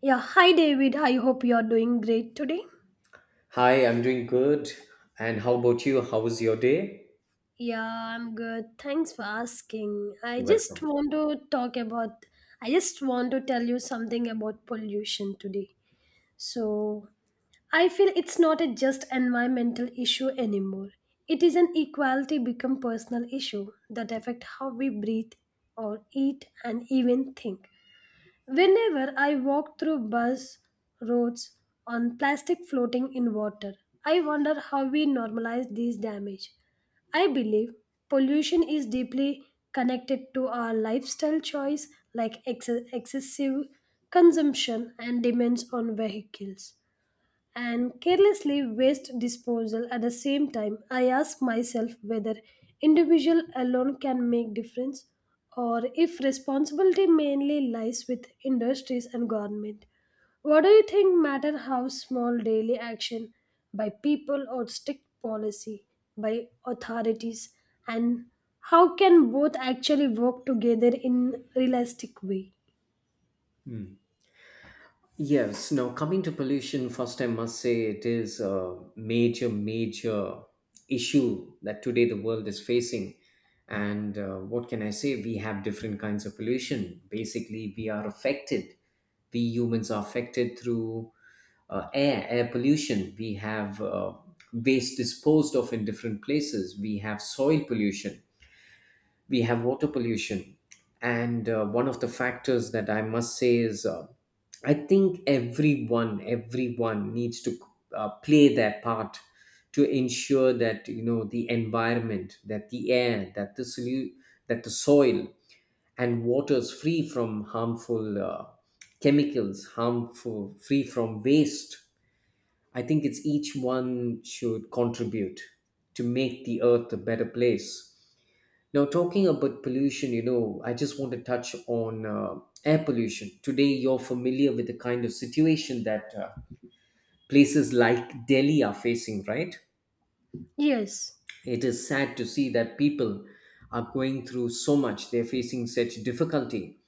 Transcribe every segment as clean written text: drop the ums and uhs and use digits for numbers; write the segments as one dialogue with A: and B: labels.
A: Yeah, hi David. I hope you're doing great today.
B: Hi, I'm doing good. And how about you? How was your day?
A: Yeah, I'm good. Thanks for asking. I
B: You're
A: just
B: welcome.
A: want to talk about, I just want to tell you something about pollution today. So, I feel it's not a just environmental issue anymore. It is an equality become personal issue that affect how we breathe or eat and even think. Whenever I walk through bus roads on plastic floating in water, I wonder how we normalize these damage. I believe pollution is deeply connected to our lifestyle choice like excessive consumption and demands on vehicles and carelessly waste disposal. At the same time I ask myself whether individual alone can make difference, or if responsibility mainly lies with industries and government. What do you think matter how small daily action by people or strict policy by authorities, and how can both actually work together in realistic way?
B: Hmm. Yes, now coming to pollution, first I must say it is a major, major issue that today the world is facing. And what can I say? We have different kinds of pollution. Basically, we are affected. We humans are affected through air pollution. We have waste disposed of in different places. We have soil pollution, we have water pollution. And one of the factors that I must say is I think everyone needs to play their part to ensure that you know the environment, that the air, that the that the soil and water is free from harmful chemicals, harmful, free from waste. I think it's each one should contribute to make the earth a better place. Now, talking about pollution, you know, I just want to touch on air pollution. Today, you're familiar with the kind of situation that places like Delhi are facing, right?
A: Yes.
B: It is sad to see that people are going through so much, they're facing such difficulty.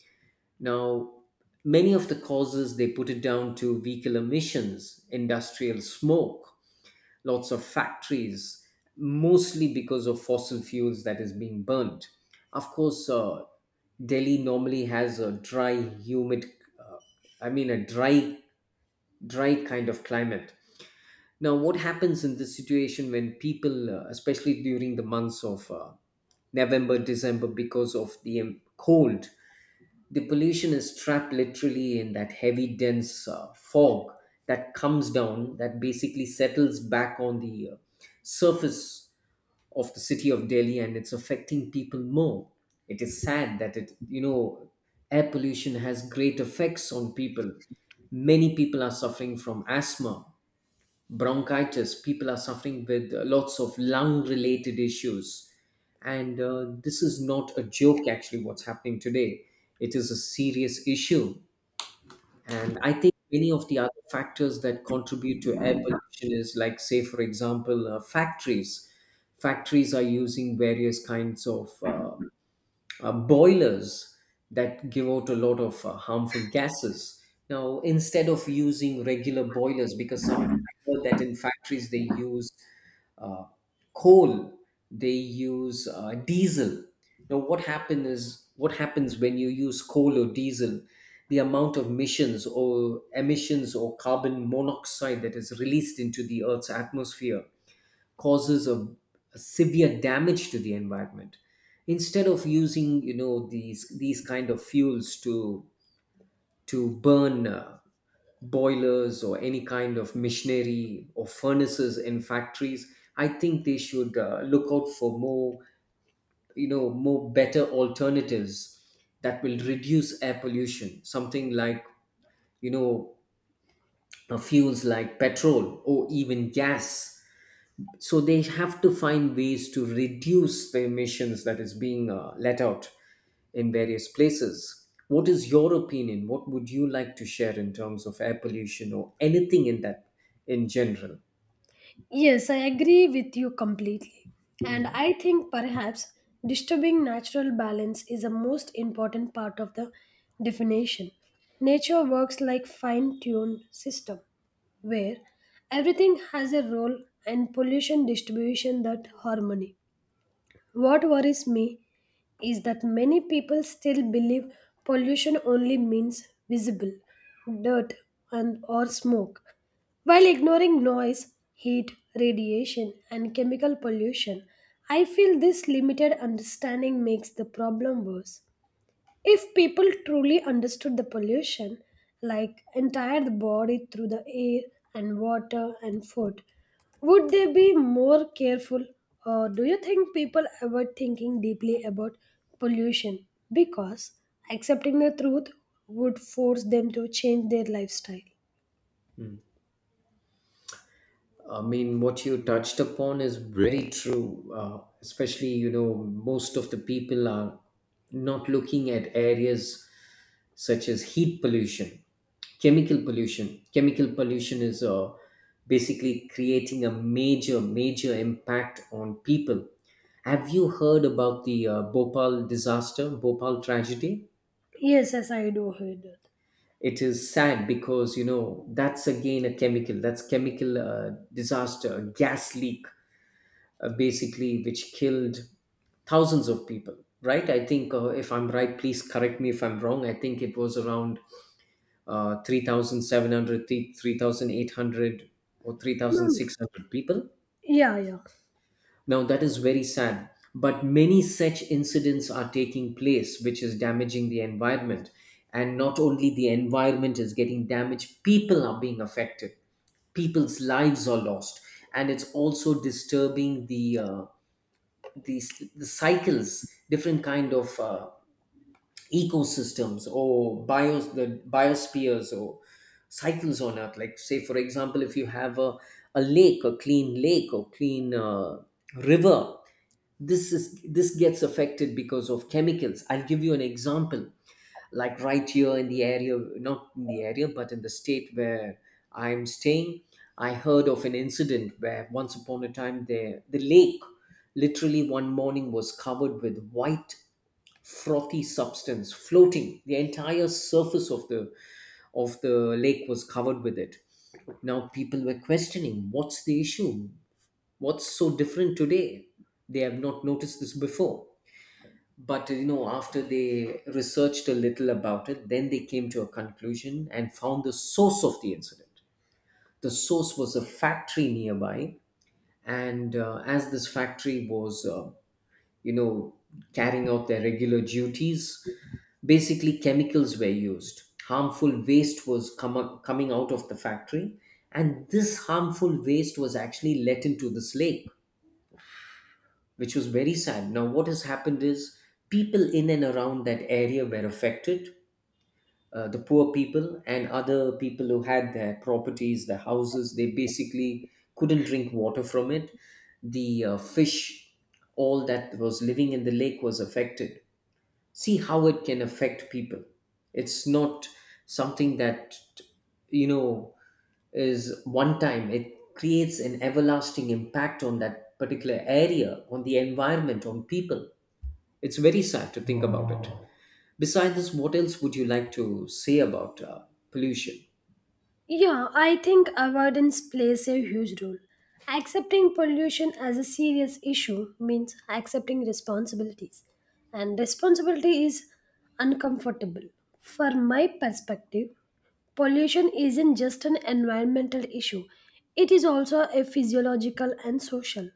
B: Now, many of the causes they put it down to vehicle emissions, industrial smoke, lots of factories, mostly because of fossil fuels that is being burnt. Of course, Delhi normally has a dry, humid, uh, I mean, a dry kind of climate. Now, what happens in this situation when people, especially during the months of November, December, because of the cold, the pollution is trapped literally in that heavy, dense fog that comes down, that basically settles back on the surface of the city of Delhi, and it's affecting people more. It is sad that it. Air pollution has great effects on people. Many people are suffering from asthma, bronchitis. People are suffering with lots of lung related issues. And this is not a joke, actually, what's happening today. It is a serious issue. And I think many of the other factors that contribute to air pollution is, like, say, for example, factories. Factories are using various kinds of boilers that give out a lot of harmful gases. Now, instead of using regular boilers, because some I heard that in factories they use uh, coal, they use diesel. Now, what happens when you use coal or diesel? The amount of emissions or carbon monoxide that is released into the Earth's atmosphere causes a severe damage to the environment. Instead of using you know these kind of fuels to burn boilers or any kind of machinery or furnaces in factories, I think they should look out for more, you know, more better alternatives that will reduce air pollution, something like, you know, fuels like petrol or even gas. So they have to find ways to reduce the emissions that is being let out in various places. What is your opinion? What would you like to share in terms of air pollution or anything in that, in general?
A: Yes, I agree with you completely. And
B: Mhm.
A: I think perhaps disturbing natural balance is a most important part of the definition. Nature works like fine-tuned system where everything has a role and pollution distribution that harmony. What worries me is that many people still believe pollution only means visible dirt and or smoke, while ignoring noise, heat, radiation and chemical pollution. I feel this limited understanding makes the problem worse. If people truly understood the pollution, like entire the body through the air and water and food, would they be more careful? Or do you think people ever thinking deeply about pollution? Because accepting the truth would force them to change their lifestyle.
B: I mean, what you touched upon is very true. Especially, you know, most of the people are not looking at areas such as heat pollution, chemical pollution. Chemical pollution is basically creating a major, major impact on people. Have you heard about the Bhopal disaster, Bhopal tragedy?
A: Yes, yes, I do hear that.
B: It is sad because, you know, that's again a chemical, that's chemical disaster, a gas leak, basically which killed thousands of people, right? I think if I'm right, please correct me if I'm wrong, I think it was around 3700 or
A: Hmm.
B: 3600 people.
A: Yeah, yeah.
B: Now that is very sad, but many such incidents are taking place which is damaging the environment, and not only the environment is getting damaged, people are being affected, people's lives are lost, and it's also disturbing the the cycles, different kind of ecosystems, or bios the biospheres, or cycles on earth. Like, say, for example, if you have a lake, a clean lake, or clean river, this gets affected because of chemicals. I'll give you an example. Like right here in the area, not in the area, but in the state where I'm staying, I heard of an incident where once upon a time the lake literally one morning was covered with white frothy substance floating. The entire surface of the lake was covered with it. Now people were questioning, what's the issue? What's so different today? They have not noticed this before, but you know after they researched a little about it, then they came to a conclusion and found the source of the incident. The source was a factory nearby, and as this factory was you know carrying out their regular duties, basically chemicals were used, harmful waste was coming out of the factory, and this harmful waste was actually let into this lake, which was very sad. Now, what has happened is people in and around that area were affected. The poor people and other people who had their properties, their houses, they basically couldn't drink water from it. The fish, all that was living in the lake was affected. See how it can affect people. It's not something that, you know, is one time. It creates an everlasting impact on that particular area, on the environment, on people. It's very sad to think about it. Besides this, what else would you like to say about pollution?
A: Yeah, I think avoidance plays a huge role. Accepting pollution as a serious issue means accepting responsibilities, and responsibility is uncomfortable. From my perspective, pollution isn't just an environmental issue, it is also a physiological and social.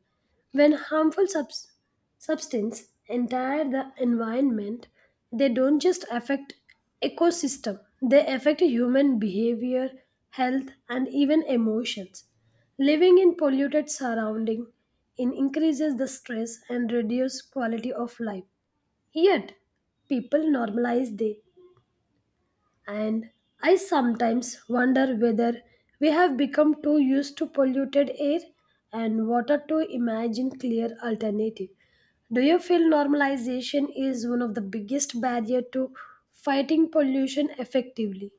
A: When harmful substance entire the environment, they don't just affect ecosystem, they affect human behavior, health and even emotions. Living in polluted surrounding in increases the stress and reduce quality of life. Yet people normalize they, and I sometimes wonder whether we have become too used to polluted air and water to imagine clear alternative. Do you feel normalization is one of the biggest barrier to fighting pollution effectively?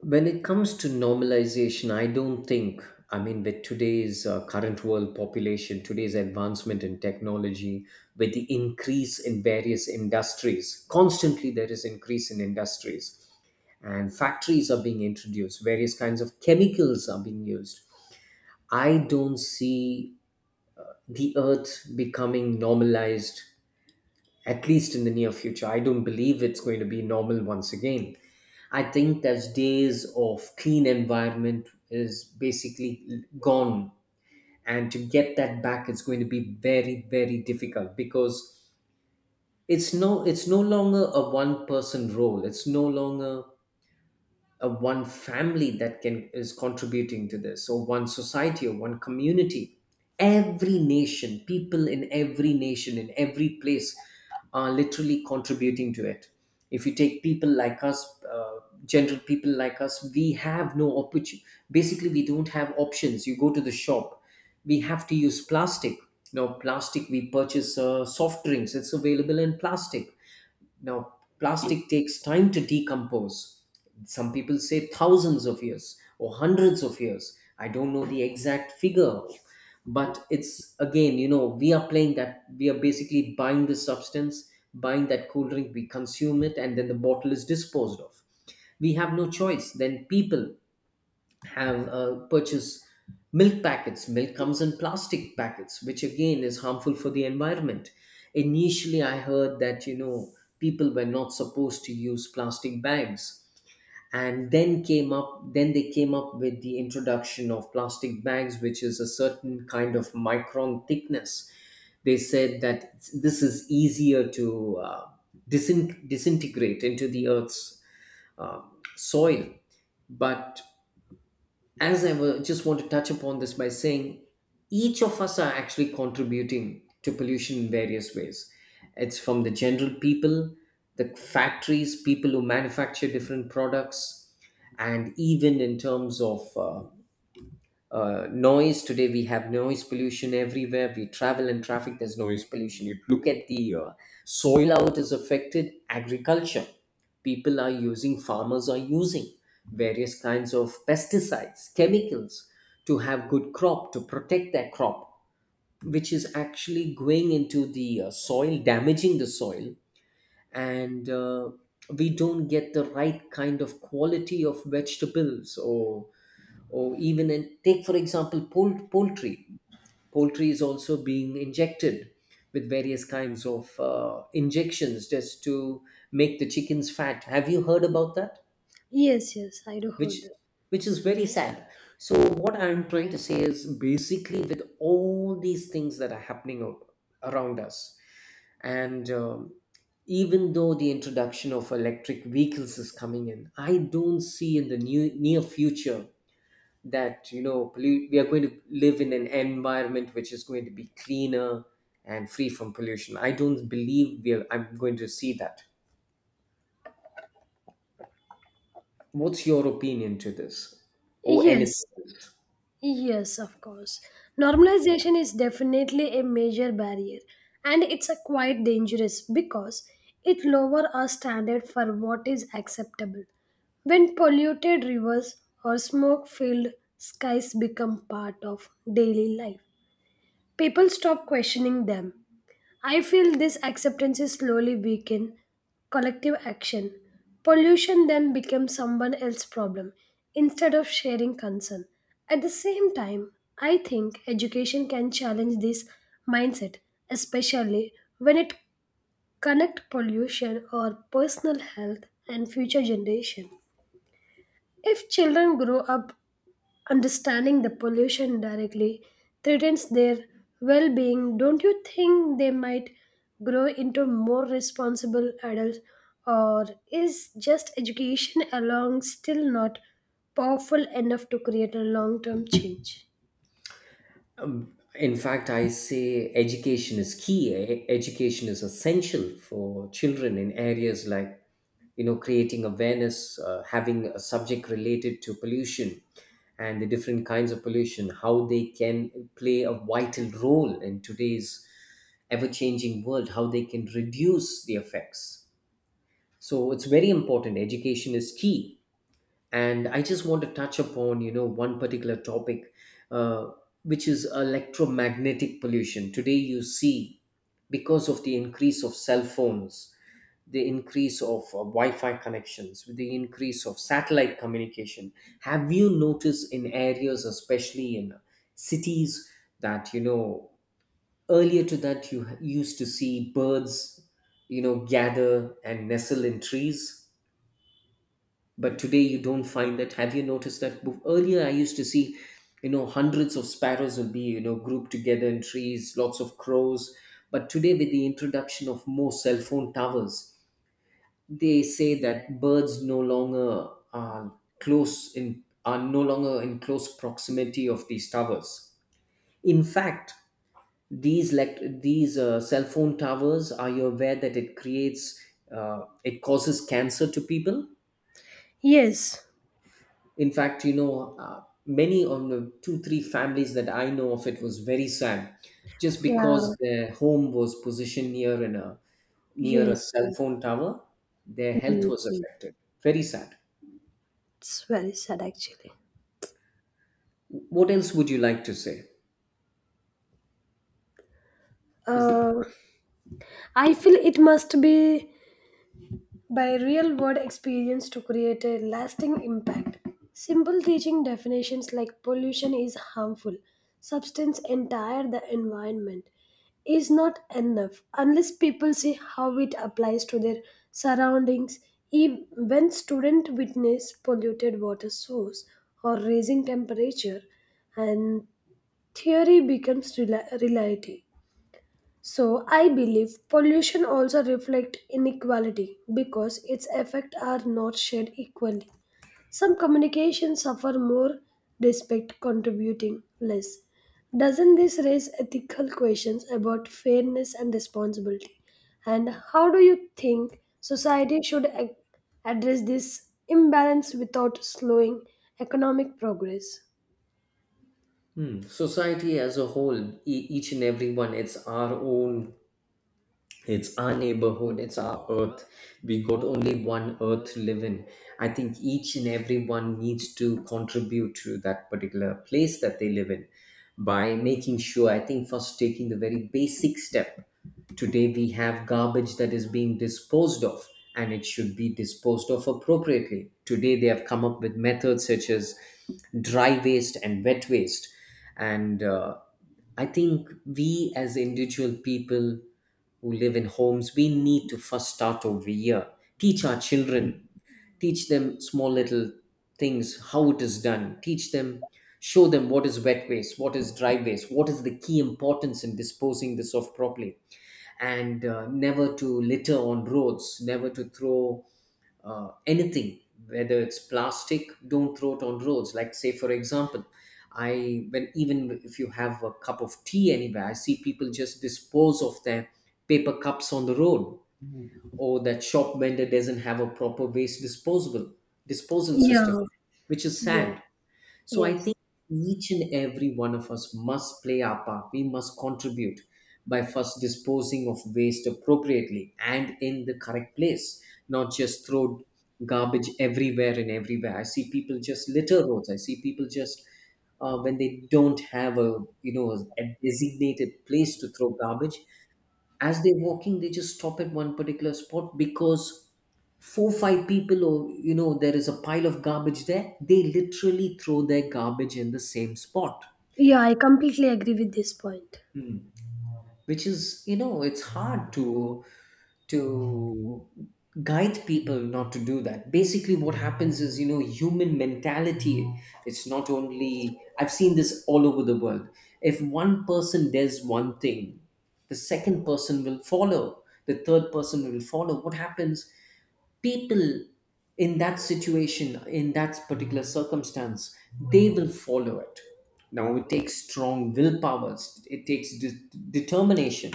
B: When it comes to normalization, I don't think, I mean, with today's current world population, today's advancement in technology, with the increase in various industries, constantly there is increase in industries and factories are being introduced, various kinds of chemicals are being used. I don't see the earth becoming normalized, at least in the near future. I don't believe it's going to be normal once again. I think those days of clean environment is basically gone. And to get that back, it's going to be very, very difficult because it's no longer a one person role. It's no longer one family that can is contributing to this, or one society or one community. Every nation, people in every nation, in every place are literally contributing to it. If you take people like us, general people like us, we have no opportunity. Basically we don't have options. You go to the shop, we have to use plastic. Now plastic, we purchase soft drinks, it's available in plastic. Now, plastic takes time to decompose. Some people say thousands of years or hundreds of years. I don't know the exact figure, but it's again, you know, we are playing that, we are basically buying the substance, buying that cool drink, we consume it, and then the bottle is disposed of. We have no choice. Then people have purchase milk packets. Milk comes in plastic packets, which again is harmful for the environment. Initially, I heard that you know people were not supposed to use plastic bags, and then they came up with the introduction of plastic bags, which is a certain kind of micron thickness. They said that this is easier to disintegrate into the earth's uh, soil. But as I just want to touch upon this by saying each of us are actually contributing to pollution in various ways. It's from the general people, the factories, people who manufacture different products, and even in terms of noise. Today we have noise pollution everywhere. We travel in traffic, there's noise pollution. You look at the soil, how it is affected. Agriculture, people are using farmers are using various kinds of pesticides, chemicals, to have good crop, to protect their crop, which is actually going into the soil, damaging the soil. And we don't get the right kind of quality of vegetables, or even in, take for example, poultry. Poultry is also being injected with various kinds of injections just to make the chickens fat. Have you heard about that?
A: Yes, yes, I do heard
B: which
A: that.
B: which is very sad. So what I'm trying to say is basically with all these things that are happening around us, and even though the introduction of electric vehicles is coming in, I don't see in the new, near future that you know we are going to live in an environment which is going to be cleaner and free from pollution. I don't believe we are, I'm going to see that. What's your opinion to this, or anything
A: Yes.
B: else?
A: Yes, of course. Normalization is definitely a major barrier, and it's a quite dangerous because it lowers our standard for what is acceptable. When polluted rivers or smoke-filled skies become part of daily life, people stop questioning them. I feel this acceptance is slowly weaken collective action. Pollution then becomes someone else's problem instead of sharing concern. At the same time, I think education can challenge this mindset, especially when it connect pollution or personal health and future generation. If children grow up understanding the pollution directly threatens their well being, don't you think they might grow into more responsible adults? Or is just education alone still not powerful enough to create a long term change?
B: In fact, I say education is key. Education is essential for children in areas like creating awareness, having a subject related to pollution, and the different kinds of pollution, how they can play a vital role in today's ever changing world, how they can reduce the effects. So it's very important. Education is key, and I just want to touch upon, one particular topic, uh, which is electromagnetic pollution. Today you see, because of the increase of cell phones, the increase of wi-fi connections, with the increase of satellite communication, have you noticed in areas, especially in cities, that earlier to that you used to see birds, gather and nestle in trees, but today you don't find that? Have you noticed that? Earlier I used to see, hundreds of sparrows would be, grouped together in trees, lots of crows. But today, with the introduction of more cell phone towers, they say that birds no longer are close in, are no longer in close proximity of these towers. In fact, these cell phone towers, are you aware that it creates, it causes cancer to people?
A: Yes.
B: In fact, many on the two, three families that I know of, it was very sad, just
A: Yeah.
B: because their home was positioned near in a near a
A: Yes.
B: cell phone tower. Their health
A: Yes.
B: was
A: Yes.
B: affected. Very sad.
A: It's very sad actually.
B: What else would you like to say? Is
A: Uh, I feel it must be by real world experience to create a lasting impact. Simple teaching definitions like pollution is harmful, substance entire the environment, is not enough unless people see how it applies to their surroundings. When students witness polluted water source or raising temperature, and theory becomes reality. So I believe pollution also reflect inequality because its effects are not shared equally. Some communications suffer more, respect contributing less. Doesn't this raise ethical questions about fairness and responsibility? And how do you think society should address this imbalance without slowing economic progress?
B: Hmm, society as a whole, each and everyone, it's our own, it's our neighborhood, it's our earth. We got only one earth to live in. I think each and everyone needs to contribute to that particular place that they live in by making sure, I think, first taking the very basic step. Today we have garbage that is being disposed of, and it should be disposed of appropriately. Today they have come up with methods such as dry waste and wet waste. And I think we as individual people who live in homes, we need to first start over here. Teach our children, teach them small little things, how it is done. Teach them, show them what is wet waste, what is dry waste, what is the key importance in disposing this off properly. And never to litter on roads, never to throw anything, whether it's plastic. Don't throw it on roads. Like, say, for example, I when even if you have a cup of tea anywhere, I see people just dispose of their paper cups on the road, or that shop vendor doesn't have a proper waste disposable disposal system, which is
A: Yeah.
B: sad. So I
A: Yes.
B: think each and every one of us must play our part. We must contribute by first disposing of waste appropriately and in the correct place, not just throw garbage everywhere and everywhere. I see people just litter roads. I see people just, when they don't have, a a designated place to throw garbage, as they're walking they just stop at one particular spot, because four five people, or there is a pile of garbage there, they literally throw their garbage in the same spot.
A: Yeah, I completely agree with this point.
B: Hmm. Which is, it's hard to to guide people not to do that. Basically what happens is, human mentality, it's not only, I've seen this all over the world, if one person does one thing, the second person will follow, the third person will follow. What happens, people in that situation, in that particular circumstance, they will follow it. Now it takes strong willpower, it takes determination,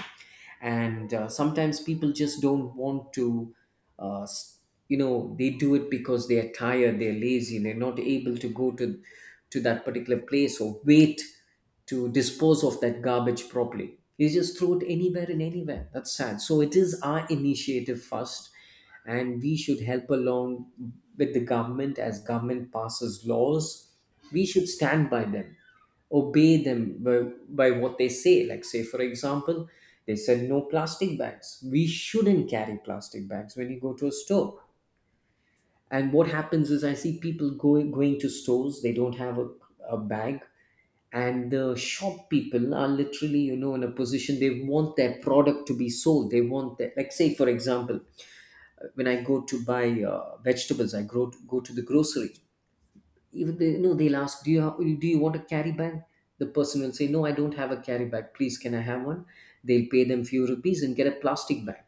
B: and sometimes people just don't want to, uh, s- they do it because they are tired, they're lazy, they're not able to go to that particular place or wait to dispose of that garbage properly. They just throw it anywhere and anywhere. That's sad. So it is our initiative first, and we should help along with the government. As government passes laws, we should stand by them, obey them by what they say. Like, say, for example, they said no plastic bags. We shouldn't carry plastic bags when you go to a store. And what happens is, I see people going to stores. They don't have a bag, and the shop people are literally, you know, in a position. They want their product to be sold. They want their, like, say, for example, when I go to buy, vegetables, I grow go to the grocery, even they, no, they'll ask, do you have, do you want a carry bag? The person will say, no, I don't have a carry bag, please can I have one? They'll pay them few rupees and get a plastic bag.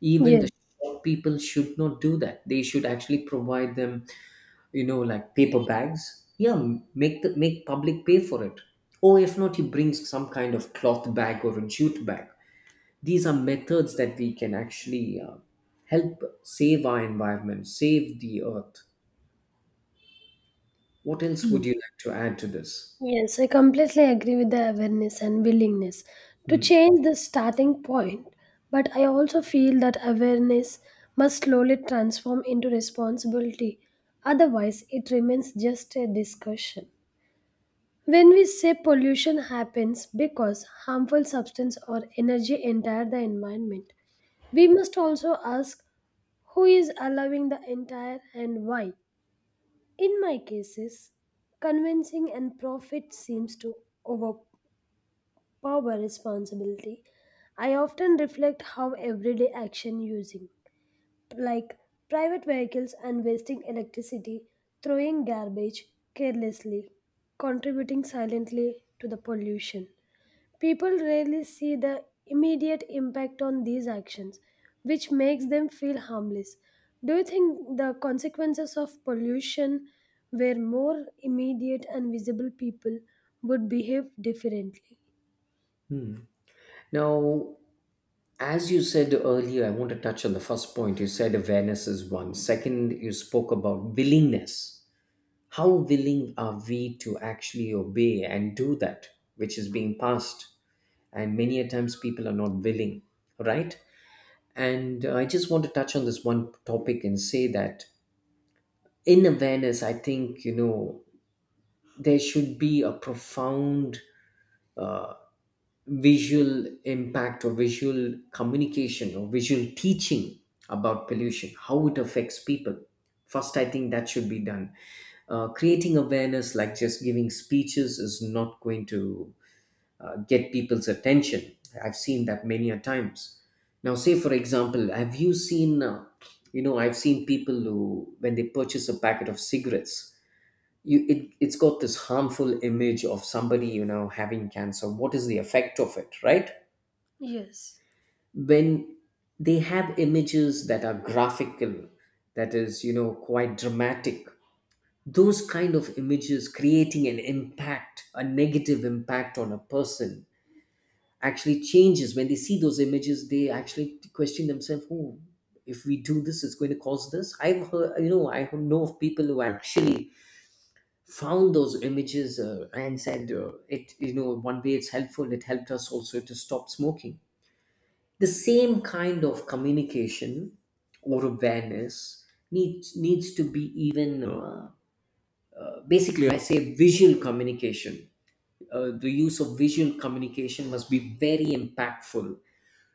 B: Even
A: Yes.
B: the shop people should not do that. They should actually provide them, you know, like paper bags. Yeah, make the make public pay for it, or if not, you bring some kind of cloth bag or a jute bag. These are methods that we can actually, help save our environment, save the earth. What else
A: Yeah.
B: would you like to add to this?
A: Yes, I completely agree with the awareness and willingness to
B: Hmm.
A: change the starting point, but I also feel that awareness must slowly transform into responsibility, otherwise, it remains just a discussion. When we say pollution happens because harmful substance or energy enter the environment, we must also ask who is allowing the entire and why. In my cases, convincing and profit seems to overpower Power responsibility. I often reflect how everyday action using, like private vehicles and wasting electricity, throwing garbage carelessly, contributing silently to the pollution. People rarely see the immediate impact on these actions, which makes them feel harmless. Do you think the consequences of pollution were more immediate and visible people would behave differently?
B: Hmm. Now, as you said earlier, I want to touch on the first point. You said awareness is one. Second, you spoke about willingness. How willing are we to actually obey and do that which is being passed? And many a times people are not willing, right? And I just want to touch on this one topic and say that in awareness, I think, you know, there should be a profound uh, visual impact, or visual communication, or visual teaching about pollution, how it affects people. First, I think that should be done. Creating awareness, like just giving speeches, is not going to, get people's attention. I've seen that many a times. Now, say for example, have you seen? You know, I've seen people who, when they purchase a packet of cigarettes, you it, it's got this harmful image of somebody, you know, having cancer. What is the effect of it, right?
A: Yes.
B: When they have images that are graphical, that is, you know, quite dramatic, those kind of images creating an impact, a negative impact on a person, actually changes. When they see those images, they actually question themselves, oh, if we do this, it's going to cause this. I've heard, you know, I know of people who actually found those images, and said, it, you know, one way it's helpful, it helped us also to stop smoking. The same kind of communication or awareness needs to be even, basically I say visual communication, the use of visual communication must be very impactful,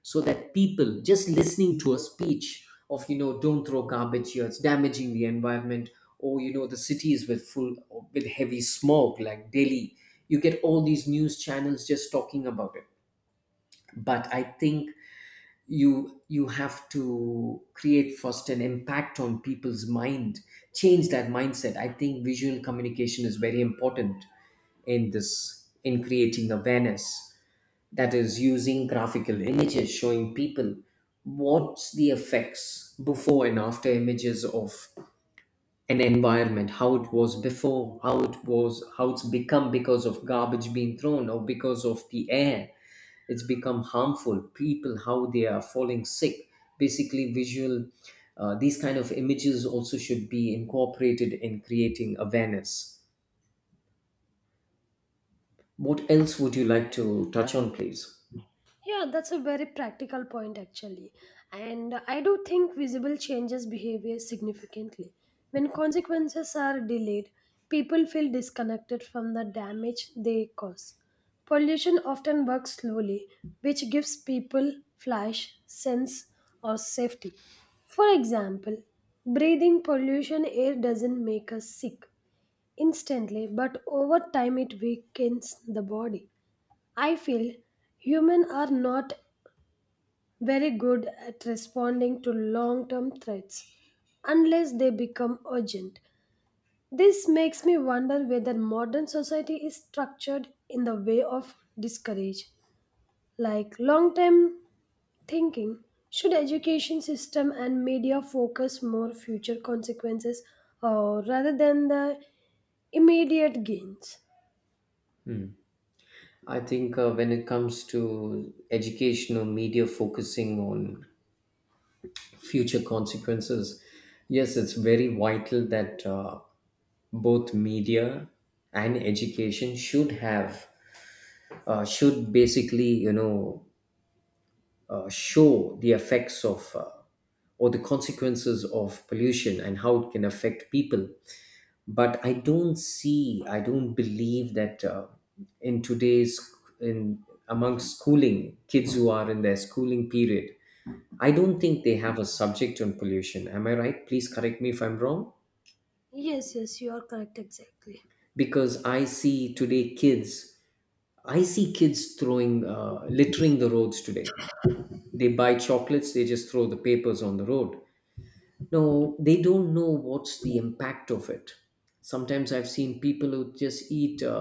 B: so that people just listening to a speech of, you know, don't throw garbage here, it's damaging the environment. Or, you know, the cities with full, with heavy smog like Delhi, you get all these news channels just talking about it. But I think you have to create first an impact on people's mind, change that mindset. I think visual communication is very important in this, in creating awareness, that is using graphical images showing people what's the effects, before and after images of an environment, how it was before, how it was, how it's become because of garbage being thrown, or because of the air it's become harmful, people how they are falling sick. Basically visual, these kind of images also should be incorporated in creating awareness. What else would you like to touch on, please?
A: Yeah, that's a very practical point actually. And I do think visible changes behavior significantly. When consequences are delayed, people feel disconnected from the damage they cause. Pollution often works slowly, which gives people flash, sense, or safety. For example, breathing pollution air doesn't make us sick instantly, but over time it weakens the body. I feel humans are not very good at responding to long term threats unless they become urgent. This makes me wonder whether modern society is structured in the way of discourage, like long term thinking. Should education system and media focus more future consequences, rather than the immediate gains?
B: I think, when it comes to educational media focusing on future consequences, yes, it's very vital that, both media and education should have, should basically, you know, show the effects of, or the consequences of pollution and how it can affect people. But I don't see, I don't believe that, in today's, in among schooling kids who are in their schooling period, I don't think they have a subject on pollution. Am I right? Please correct me if I'm wrong.
A: Yes, yes, you are correct exactly.
B: Because I see today kids, I see kids throwing, littering the roads today. They buy chocolates, they just throw the papers on the road. No, they don't know what's the impact of it. Sometimes I've seen people who just eat, uh,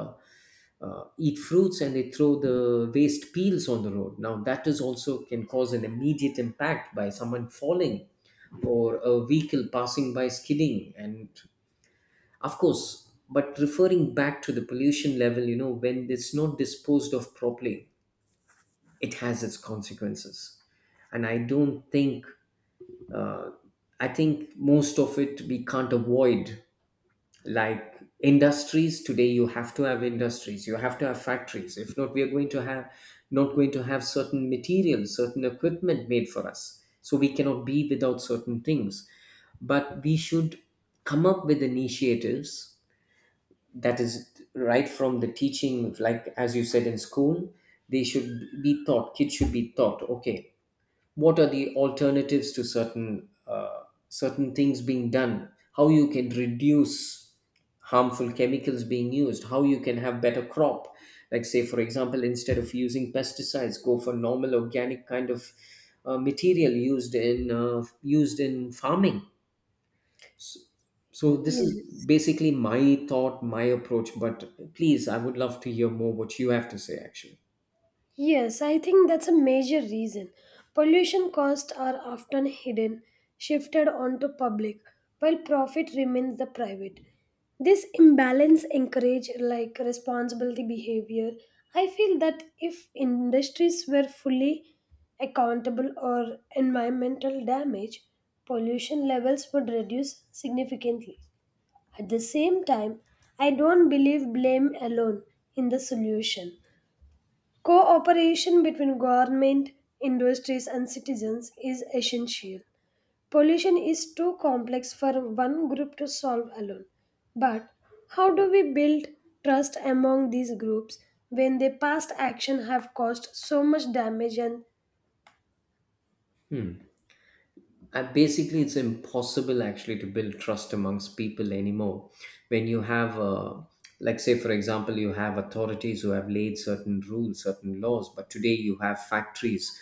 B: uh, eat fruits and they throw the waste peels on the road. Now that is also can cause an immediate impact by someone falling, or a vehicle passing by skidding and, of course. But referring back to the pollution level, you know, when it's not disposed of properly, it has its consequences. And I don't think, uh, I think most of it we can't avoid. Like industries today, you have to have industries, you have to have factories. If not, we are going to have not going to have certain materials, certain equipment made for us. So we cannot be without certain things. But we should come up with initiatives, that is right from the teaching, like as you said in school, they should be taught. Kids should be taught. Okay, what are the alternatives to certain, certain things being done, how you can reduce harmful chemicals being used, how you can have better crop. Like say for example, instead of using pesticides, go for normal organic kind of, material used in, used in farming. so, so this is
A: Yes.
B: basically my thought, my approach, but please, I would love to hear more what you have to say actually.
A: Yes, I think that's a major reason. Pollution costs are often hidden, shifted onto public, while profit remains the private. This imbalance encourage like responsibility behavior. I feel that if industries were fully accountable or environmental damage, pollution levels would reduce significantly. At the same time, I don't believe blame alone in the solution. Cooperation between government, industries, and citizens is essential. Pollution is too complex for one group to solve alone. But how do we build trust among these groups when their past action have caused so much damage and
B: Hmm. And basically, it's impossible actually to build trust amongst people anymore. When you have, like, say, for example, you have authorities who have laid certain rules, certain laws, but today you have factories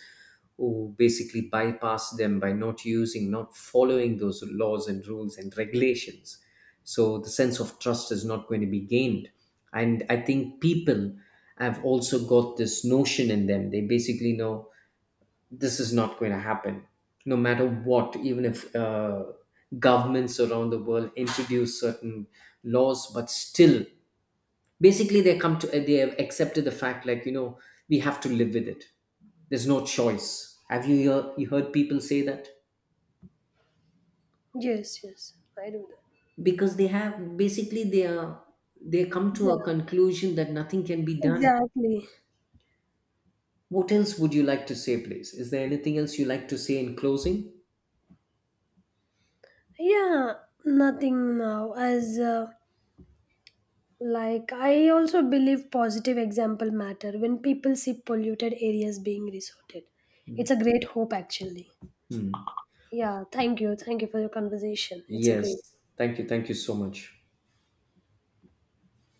B: who basically bypass them by not using, not following those laws and rules and regulations. So the sense of trust is not going to be gained. And I think people have also got this notion in them. They basically know this is not going to happen, no matter what. Even if, governments around the world introduce certain laws, but still, basically they come to, they have accepted the fact, like, you know, we have to live with it, there's no choice. Have you you heard people say that?
A: yes, yes, I do that.
B: Because they have basically, they are, they come to
A: Yeah,
B: a conclusion that nothing can be done.
A: exactly.
B: What else would you like to say, please? Is there anything else you like to say in closing?
A: Yeah, nothing now as like, I also believe positive example matter when people see polluted areas being resorted. It's a great hope, actually.
B: Hmm.
A: Yeah, thank you. Thank you for your conversation. It's a great.
B: Yes, thank you, thank you so much.